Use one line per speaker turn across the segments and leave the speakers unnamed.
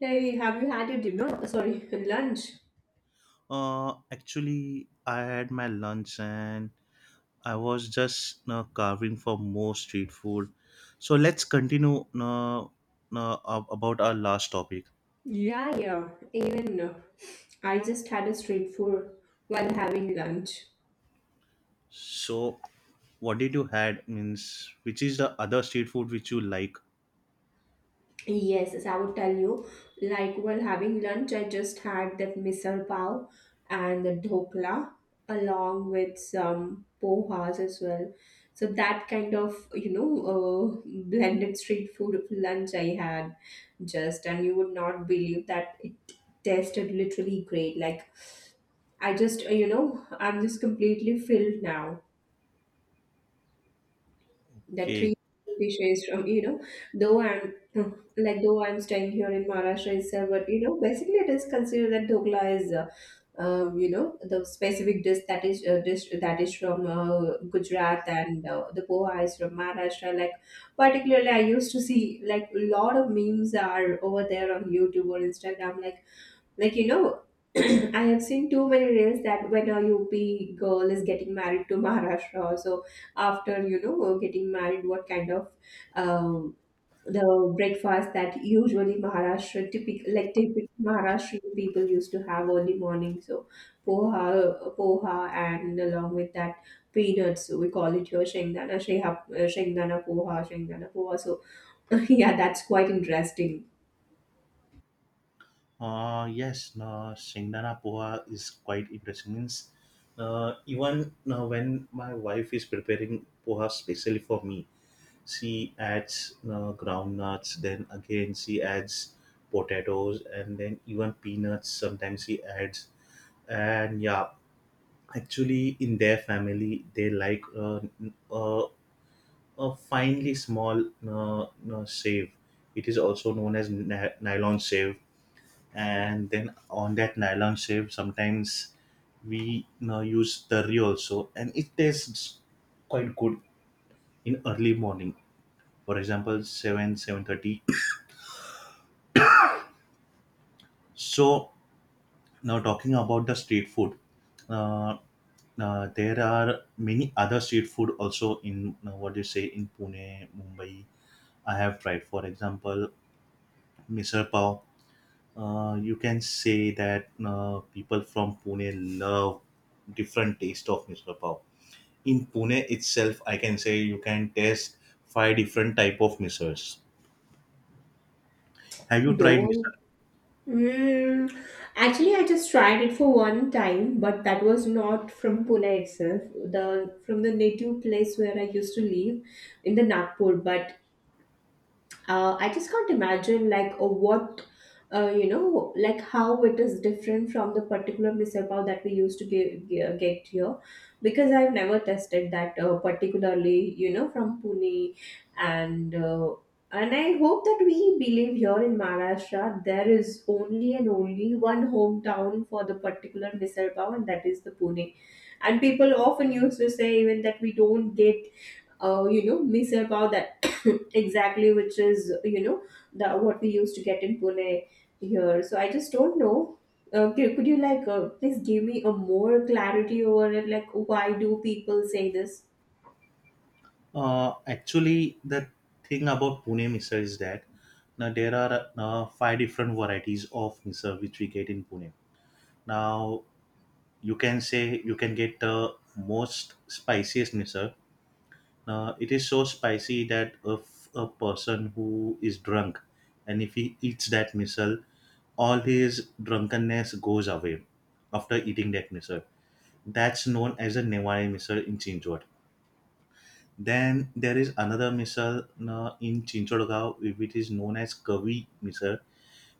Hey, have you had your dinner? Sorry, lunch.
Actually, I had my lunch and I was just carving for more street food. So let's continue about our last topic.
Yeah, yeah. Even I just had a street food while having lunch.
So, what did you had means which is the other street food which you like?
Yes, as I would tell you, like while having lunch, I just had that misal pav and the dhokla along with some pohas as well. So that kind of, blended street food of lunch I had just, and you would not believe that it tasted literally great. Like I just, I'm just completely filled now. That
Okay.
three dishes from, though I'm like though I'm staying here in Maharashtra itself, but you know, basically it is considered that dhokla is, you know, the specific dish that is from Gujarat and the poha is from Maharashtra. Like particularly, I used to see like a lot of memes are over there on YouTube or Instagram, like, you know, I have seen too many reels that when a UP girl is getting married to Maharashtra, so after, you know, getting married, what kind of um, the breakfast that usually Maharashtra typical Maharashtrian people used to have early morning. So poha, and along with that peanuts. So we call it here shengdana poha. So yeah, that's quite interesting.
Yes, no, Shingdana Poha is quite interesting. Means, even when my wife is preparing Poha specially for me, she adds groundnuts, then again she adds potatoes and then even peanuts sometimes she adds. And yeah, actually in their family they like a finely small sieve, it is also known as nylon sieve, and then on that nylon sieve sometimes we, you know, use curry also, and it tastes quite good in early morning, for example 7 7:30. So now talking about the street food, uh, there are many other street food also in, what do you say, in Pune, Mumbai. I have tried, for example, Misal Pav. You can say that people from Pune love different taste of Misal Pav. In Pune itself, I can say you can taste five different type of misals. Have you tried
Though
misal?
Mm, actually, I just tried it for one time, but that was not from Pune itself. The from the native place where I used to live in the Nagpur, but I just can't imagine like what you know like how it is different from the particular misal pav that we used to get here because I've never tested that particularly you know from Pune and I hope that we believe here in Maharashtra there is only and only one hometown for the particular misal pav and that is the Pune, and people often used to say even that we don't get you know misal pav that exactly which is you know the what we used to get in Pune here. So I just don't know. Could you like please give me a more clarity over it? Like why do people say this?
Actually, the thing about Pune Misal is that now there are five different varieties of Misal which we get in Pune. Now you can say you can get the most spiciest Misal. Now it is so spicy that if a person who is drunk and if he eats that Misal, all his drunkenness goes away after eating that Misal. That's known as a Newari Misal in Chinchwad. Then there is another misal in Chinchodgao, which is known as Kavi misal.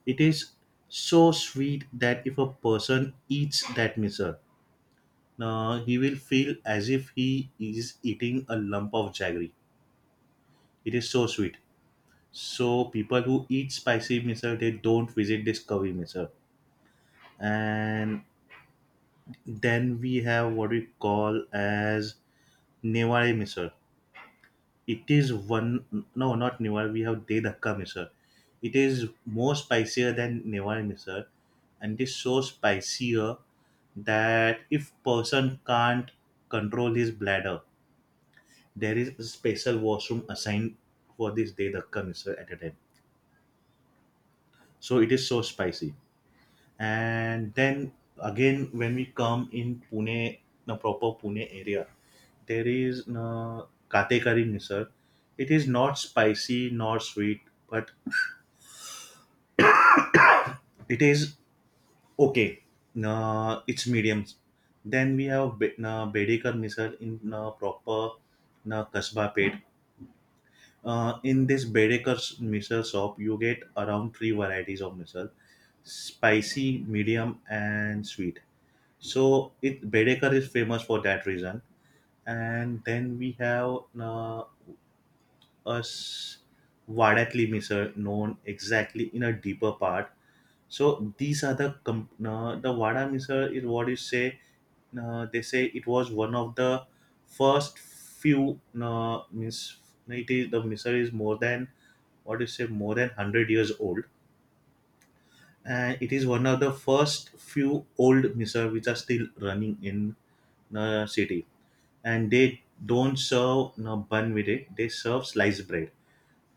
It is so sweet that if a person eats that misal, he will feel as if he is eating a lump of jaggery. It is so sweet. So people who eat spicy misal, they don't visit this Kavi misal. And then we have what we call as Newari misal. It is one. No, not Newar. We have de Dhakka Misal. It is more spicier than Newar Misal, and it is so spicier that if person can't control his bladder, there is a special washroom assigned for this de Dhakka Misal at a time. So it is so spicy. And then again, when we come in Pune, the proper Pune area, there is Katekari Misal. It is not spicy nor sweet, but it is okay. It's mediums. Then we have Bedekar missile in proper Kasba Pet. In this Bedekar missile shop, you get around three varieties of missile: spicy, medium, and sweet. So it Bedekar is famous for that reason. And then we have us Vadatli missile known exactly in a deeper part. So these are the Vada Missile is what you say. They say it was one of the first few. Means it is, the missile is more than, what you say, more than 100 years old, and it is one of the first few old missile which are still running in the city, and they don't serve bun with it. They serve sliced bread.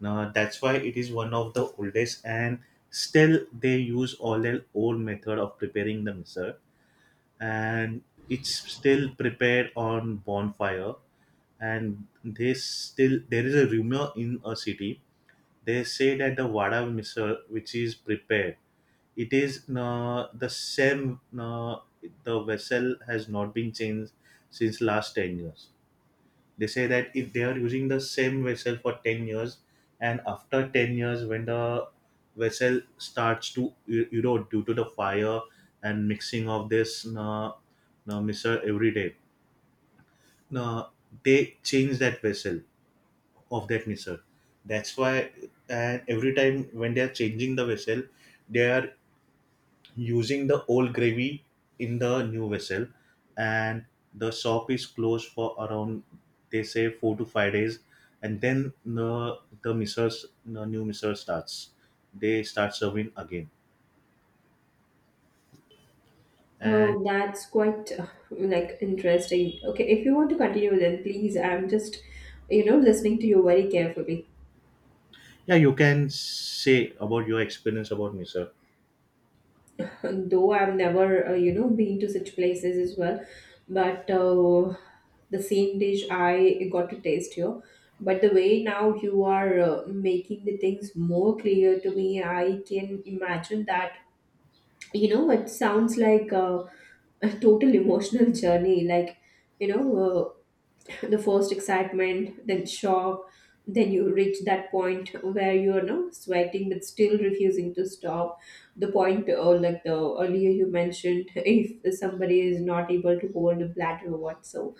Now, that's why it is one of the oldest, and still they use all their old method of preparing the misal, and it's still prepared on bonfire. And they still, there is a rumor in a city. They say that the vada misal, which is prepared, it is the same. Uh, the vessel has not been changed since last 10 years. They say that if they are using the same vessel for 10 years, and after 10 years when the vessel starts to, you know, due to the fire and mixing of this mixer every day, uh, they change that vessel of that mixer. That's why, and every time when they are changing the vessel, they are using the old gravy in the new vessel, and the shop is closed for around, they say, 4 to 5 days, and then the missers, the new misser starts, they start serving again. And
Oh, that's quite like interesting. Okay, if you want to continue, then please. I'm just you know listening to you very carefully.
yeah, you can say about your experience about misser.
Though I've never, you know, been to such places as well. But the same dish I got to taste here. But the way now you are making the things more clear to me, I can imagine that you know it sounds like a total emotional journey like you know the first excitement, then shock, then you reach that point where you are now sweating but still refusing to stop the point like the earlier you mentioned, if somebody is not able to hold a bladder or what. So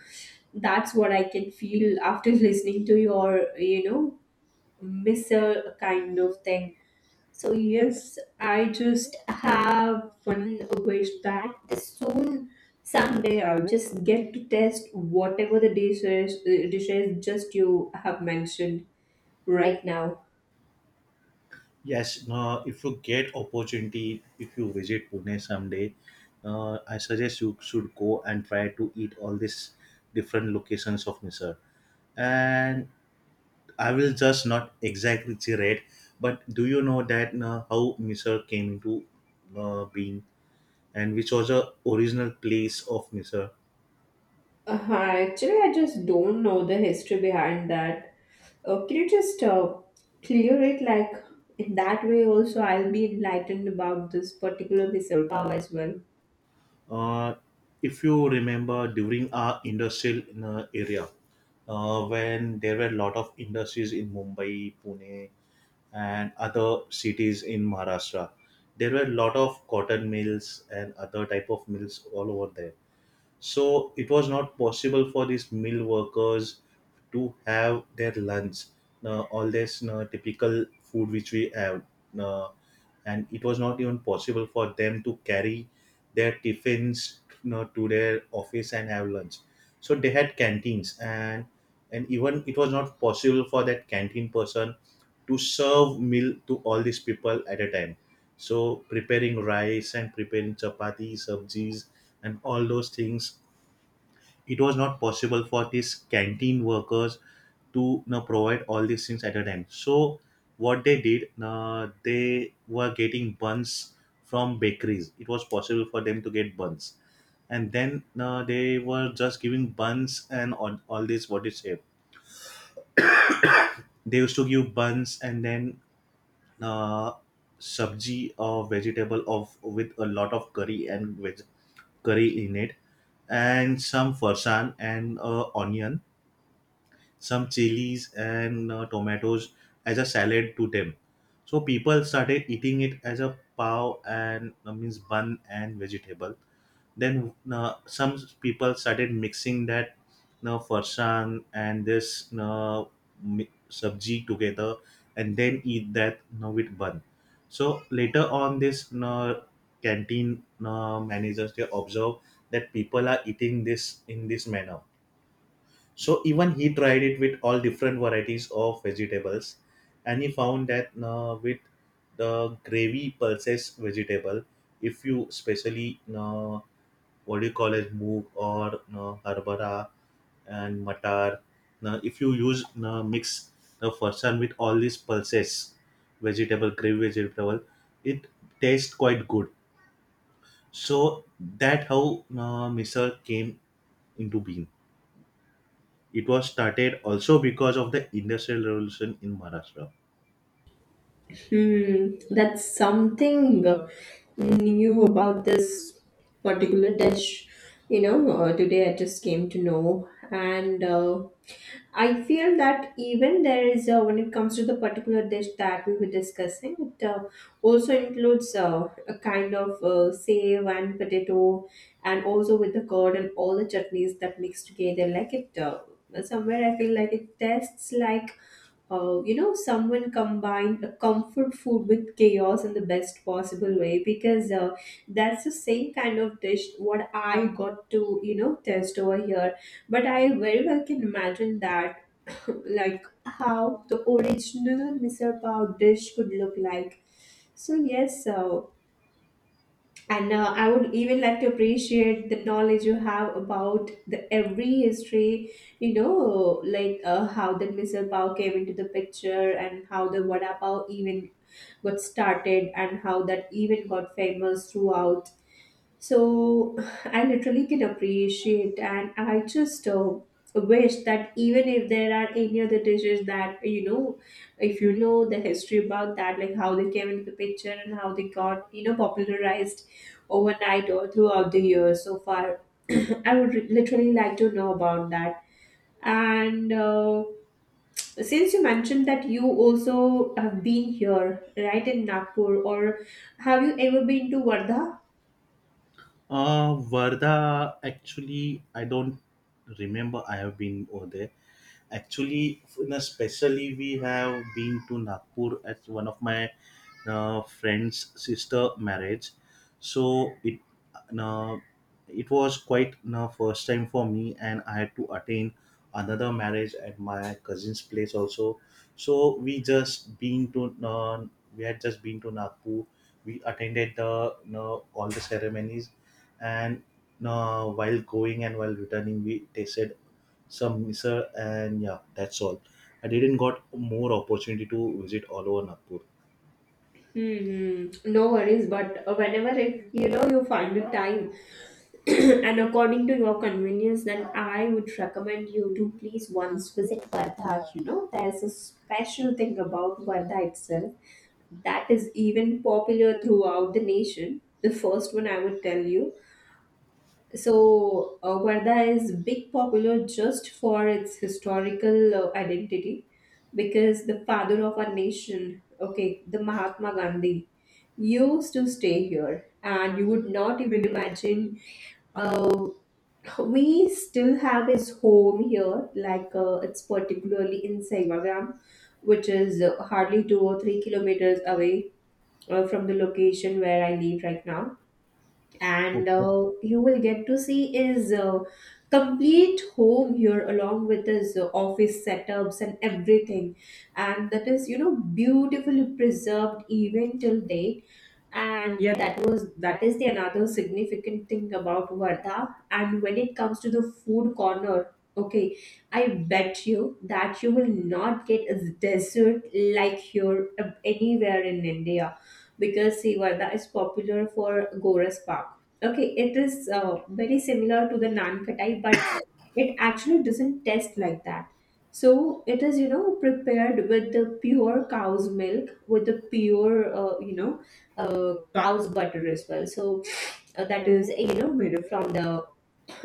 that's what I can feel after listening to your you know missile kind of thing. So yes, I just have one wish that soon, someday, I'll just get to test whatever the dishes just you have mentioned right now.
Yes. If you get opportunity, if you visit Pune someday, I suggest you should go and try to eat all these different locations of misser. And I will just not exactly tirade, but do you know that how Misr came into being, and which was a original place of Misr?
Actually, I just don't know the history behind that. Can you just clear it? Like in that way, also, I'll be enlightened about this particular missive as well.
Uh, if you remember during our industrial area, when there were a lot of industries in Mumbai, Pune, and other cities in Maharashtra, there were a lot of cotton mills and other type of mills all over there. So it was not possible for these mill workers to have their lunch, all this typical food which we have. Uh, and it was not even possible for them to carry their tiffins, you know, to their office and have lunch. So they had canteens, and even it was not possible for that canteen person to serve meal to all these people at a time. So preparing rice and preparing chapati, sabjis, and all those things, it was not possible for these canteen workers to, you know, provide all these things at a time. So what they did, they were getting buns from bakeries. It was possible for them to get buns, and then they were just giving buns and all this what is it. They used to give buns and then uh, sabji or vegetable of with a lot of curry and curry in it, and some farsan and onion, some chilies and tomatoes as a salad to them. So people started eating it as a pav and means bun and vegetable. Then some people started mixing that farsan and this sabji together and then eat that with bun. So later on, this canteen managers they observe that people are eating this in this manner, so even he tried it with all different varieties of vegetables, and he found that with the gravy pulses vegetable, if you especially what do you call it, moog or harbara and matar, if you use mix the farsan with all these pulses, vegetable gravy vegetable, it tastes quite good. So that how misal came into being. It was started also because of the Industrial Revolution in Maharashtra.
Hmm, that's something new about this particular dish. You know, today I just came to know, and I feel that even there is, when it comes to the particular dish that we were discussing, it also includes a kind of save and potato, and also with the curd and all the chutneys that mix together. Like it, somewhere I feel like it tastes like you know, someone combined a comfort food with chaos in the best possible way because that's the same kind of dish what I got to, you know, test over here. But I very well can imagine that, like, how the original Misal Pav dish could look like. So, yes, and I would even like to appreciate the knowledge you have about the every history, you know, like how the missile power came into the picture and how the vada pav even got started and how that even got famous throughout. So I literally can appreciate, and I just wish that even if there are any other dishes that you know, if you know the history about that, like how they came into the picture and how they got you know popularized overnight or throughout the years so far, literally like to know about that. And since you mentioned that you also have been here, right, in Nagpur, or have you ever been to Vardha?
Varda, actually, I don't remember I have been over there. Actually, in a we have been to Nagpur as one of my friend's sister marriage, so uh, it was quite the first time for me, and I had to attend another marriage at my cousin's place also, so we had just been to Nagpur, we attended the, you know, all the ceremonies, and while going and while returning we tasted some misal, and yeah, that's all. I didn't got more opportunity to visit all over Nagpur.
Hmm, no worries, but whenever if you know you find the time and according to your convenience, then I would recommend you to please once visit Vardha. You know, there's a special thing about Vardha itself that is even popular throughout the nation. The first one I would tell you. So, Varda is big popular just for its historical identity because the father of our nation, okay, the Mahatma Gandhi, used to stay here, and you would not even imagine. Uh, we still have his home here, like it's particularly in Saivagram, which is hardly 2 or 3 kilometers away from the location where I live right now, and
Okay.
you will get to see his complete home here along with his office setups and everything, and that is you know beautifully preserved even till date. And yeah, that is the another significant thing about Varda. And when it comes to the food corner, okay, I bet you that you will not get a dessert like here anywhere in India, because see, Varda is popular for Goras Park. Okay, it is very similar to the Naan Khatai, but it actually doesn't taste like that. So it is you know prepared with the pure cow's milk with the pure cow's butter as well. So that is you know made from the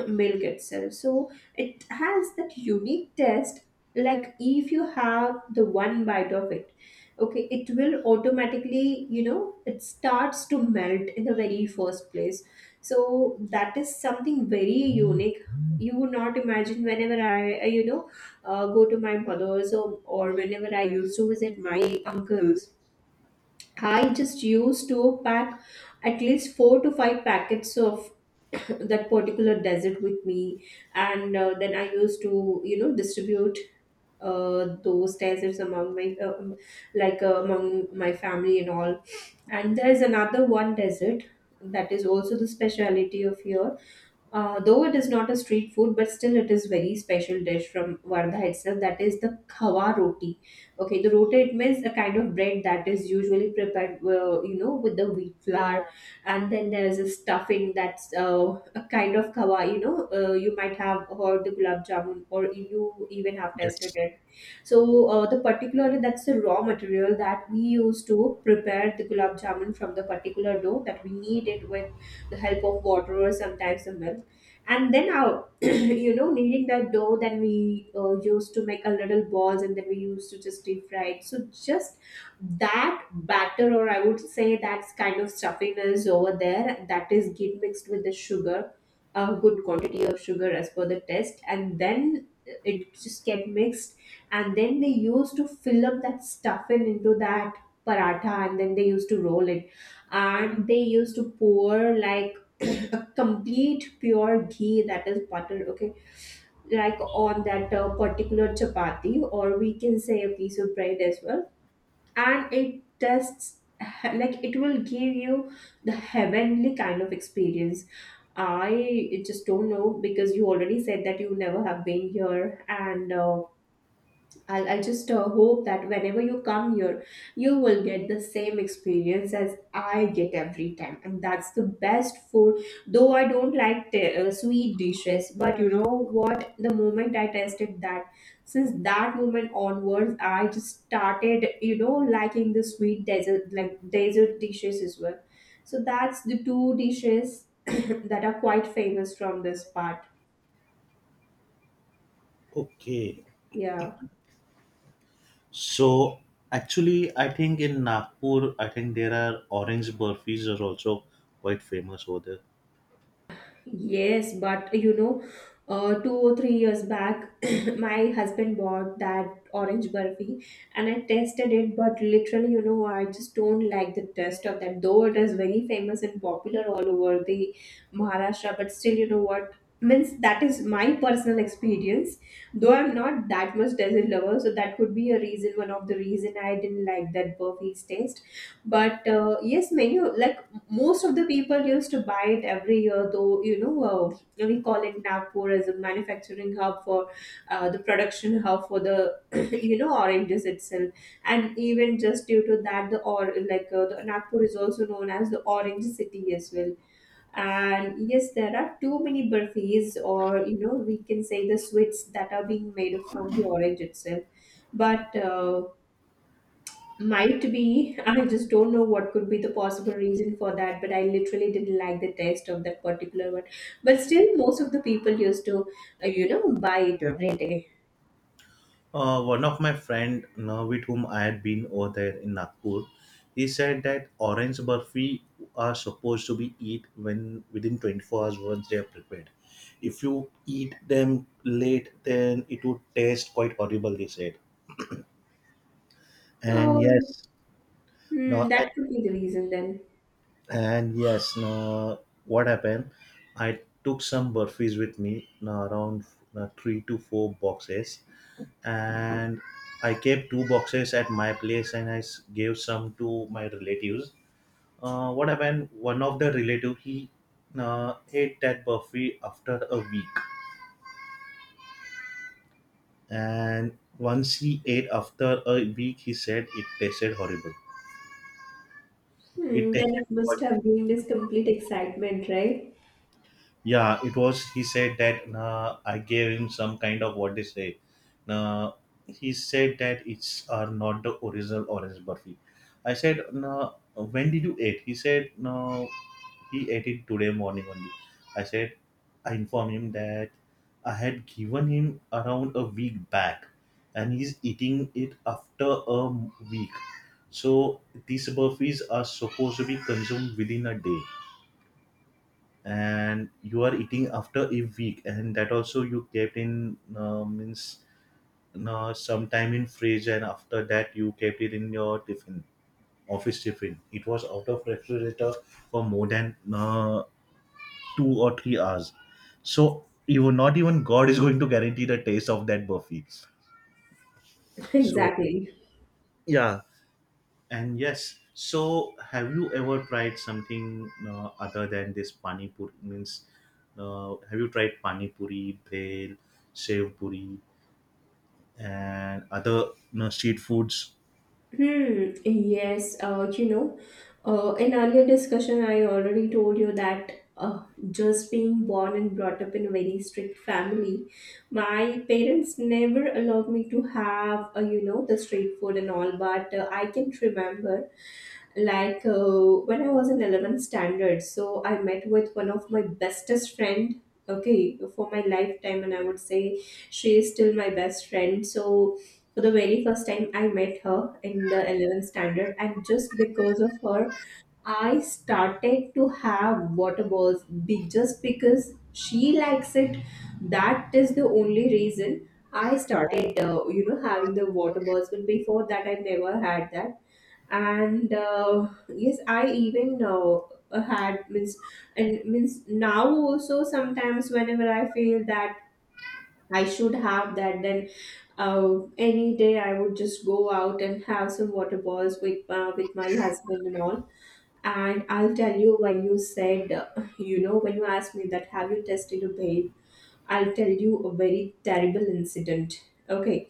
milk itself. So it has that unique taste. Like if you have the one bite of it, okay, it will automatically, you know, it starts to melt in the very first place. So that is something very unique. You would not imagine whenever I, you know, go to my mother's, or whenever I used to visit my uncle's. I just used to pack at least four to five packets of that particular desert with me, and then I used to you know distribute those deserts among my among my family and all. And there's another one desert that is also the speciality of here, though it is not a street food, but still it is very special dish from Vardha itself. That is the khawa roti. Okay, the roti it means a kind of bread that is usually prepared, you know, with the wheat flour, and then there is a stuffing that's a kind of khawa. You know, you might have heard the gulab jamun, or you even have tasted
Yes.
it. So the particular that's the raw material that we use to prepare the gulab jamun from the particular dough that we knead it with the help of water or sometimes the milk, and then our you know kneading that dough, then we used to make a little balls and then we used to just deep fry it. So just that batter or I would say that's kind of stuffiness over there that is get mixed with the sugar, a good quantity of sugar as per the test, and then it just get mixed, and then they used to fill up that stuffing into that paratha and then they used to roll it, and they used to pour like a complete pure ghee, that is butter, okay, like on that particular chapati or we can say a piece of bread as well, and it tastes like it will give you the heavenly kind of experience. I just don't know because you already said that you never have been here, and I just hope that whenever you come here, you will get the same experience as I get every time. And that's the best food. Though I don't like sweet dishes, but you know what? The moment I tasted that, since that moment onwards, I just started, you know, liking the sweet desert, like desert dishes as well. So that's the two dishes that are quite famous from this part.
Okay.
Yeah.
So actually, I think in Nagpur, I think there are orange burfis are also quite famous over there.
Yes, but you know, 2 or 3 years back, my husband bought that orange burfi, and I tasted it. But literally, you know, I just don't like the taste of that, though it is very famous and popular all over the Maharashtra. But still, you know what? Means that is my personal experience. Though I'm not that much dessert lover, so that could be a reason, one of the reason I didn't like that burfi's taste, but yes, many like most of the people used to buy it every year, though we call it Nagpur as a manufacturing hub for, the production hub for the you know oranges itself. And even just due to that, the or like the Nagpur is also known as the orange city as well. And yes, there are too many burfis, or you know we can say the sweets that are being made from the orange itself. But might be. I just don't know what could be the possible reason for that, but I literally didn't like the taste of that particular one. But still, most of the people used to, you know, buy it every day.
One of my friend, you know, with whom I had been over there in Nagpur, he said that orange burfi are supposed to be eat when within 24 hours once they are prepared. If you eat them late, then it would taste quite horrible, they said. And
Oh,
yes.
hmm,
No.
that could be the reason then.
And yes, now what happened? I took some burfis with me, now around three to four boxes, and I kept two boxes at my place, and gave some to my relatives. What happened? One of the relative he ate that burfi after a week, and once he ate after a week, he said it tasted horrible. It
Hmm, then
tasted.
it must have been this complete excitement, right?
Yeah, it was. He said that nah, I gave him some kind of what they say. Nah, he said that it's are not the original orange burfi. I said, nah, when did you eat? He said, no, he ate it today morning only. I said, I informed him that I had given him around a week back, and he's eating it after a week. So these burfis are supposed to be consumed within a day, and you are eating after a week, and that also you kept in means sometime in fridge, and after that you kept it in your tiffin, office tiffin, it was out of refrigerator for more than 2 or 3 hours, so even not even God is going to guarantee the taste of that buffet. So
Exactly.
yeah. And yes, so have you ever tried something other than this pani puri? Means, have you tried pani puri, bhel, sev puri, and other, you know, street foods?
Hmm, yes, you know, in earlier discussion, I already told you that just being born and brought up in a very strict family, my parents never allowed me to have, you know, the street food and all. But I can remember like when I was in 11th standard, so I met with one of my bestest friend, okay, for my lifetime, and I would say she is still my best friend. So for the very first time I met her in the 11th standard, and just because of her, I started to have water balls just because she likes it. That is the only reason I started, you know, having the water balls, but before that I never had that. And yes, I even had means, and means now also sometimes whenever I feel that I should have that, then any day I would just go out and have some water balls with my husband and all. And I'll tell you, when you said, you know, when you asked me that have you tested a baby, I'll tell you a very terrible incident. Okay.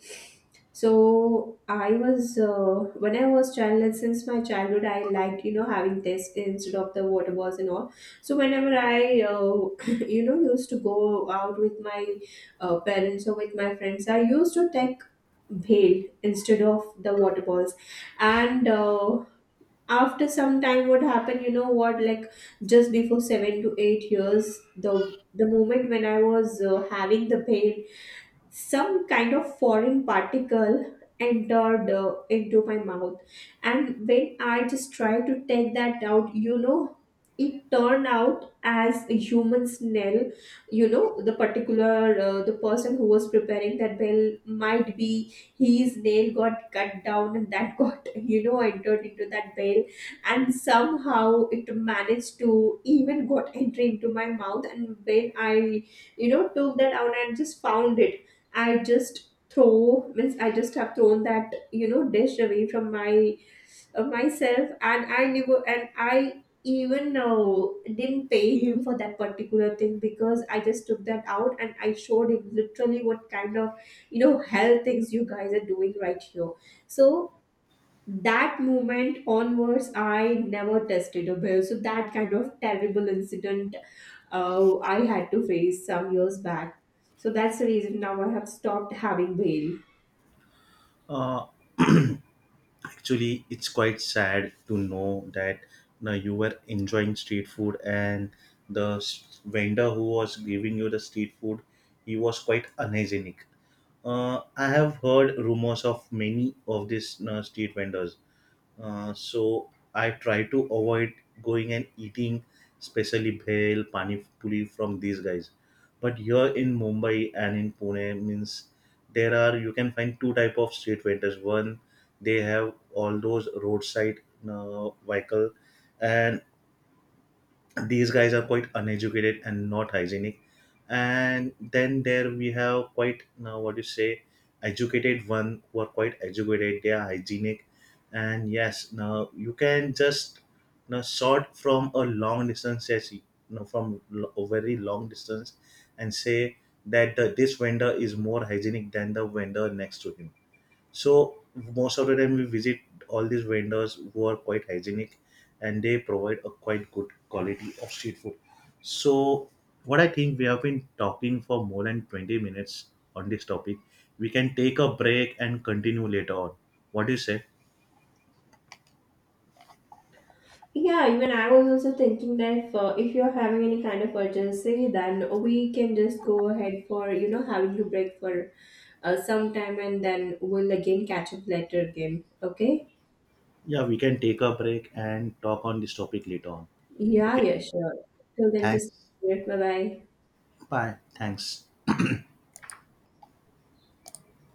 So I was when I was child, and since my childhood, I liked, you know, having tests instead of the water balls and all. So whenever I you know used to go out with my parents or with my friends, I used to take bhel instead of the water balls. And after some time, what happened, you know what, like just before 7 to 8 years, the moment when I was having the pain, some kind of foreign particle entered into my mouth. And when I just tried to take that out, you know, it turned out as a human smell. You know, the particular the person who was preparing that bell, might be his nail got cut down, and that got, you know, entered into that bell, and somehow it managed to even got entry into my mouth. And when I, you know, took that out and just found it, I just throw means I just have thrown that, you know, dish away from my myself. And I never, and I even know didn't pay him for that particular thing, because I just took that out and I showed him literally what kind of, you know, hell things you guys are doing right here. So that moment onwards I never tested a bear, so that kind of terrible incident I had to face some years back. So that's the reason now I have stopped having bail.
Uh, Actually, it's quite sad to know that you, know, you were enjoying street food, and vendor who was giving you the street food, he was quite unhygienic. I have heard rumors of many of these, you know, street vendors. So I try to avoid going and eating, especially bhel, pani puri from these guys. But here in Mumbai and in Pune means there are, you can find two type of street vendors. One, they have all those roadside vehicle, and these guys are quite uneducated and not hygienic, and then there we have quite now, what you say, educated one who are quite educated, they are hygienic. And yes, now you can just now sort from a long distance, yes, you know, from a very long distance, and say that this vendor is more hygienic than the vendor next to him. So most of the time we visit all these vendors who are quite hygienic, and they provide a quite good quality of street food. So what I think we have been talking for more than 20 minutes on this topic. We can take a break and continue later on. What do you say?
Yeah, even I was also thinking that if you're having any kind of urgency, then we can just go ahead for, you know, having to break for some time, and then we'll again catch up later again. Okay?
Yeah, we can take a break and talk on this topic later on.
Yeah,
Okay.
yeah, sure. Till then, just
Thanks.
bye bye.
Bye. Thanks.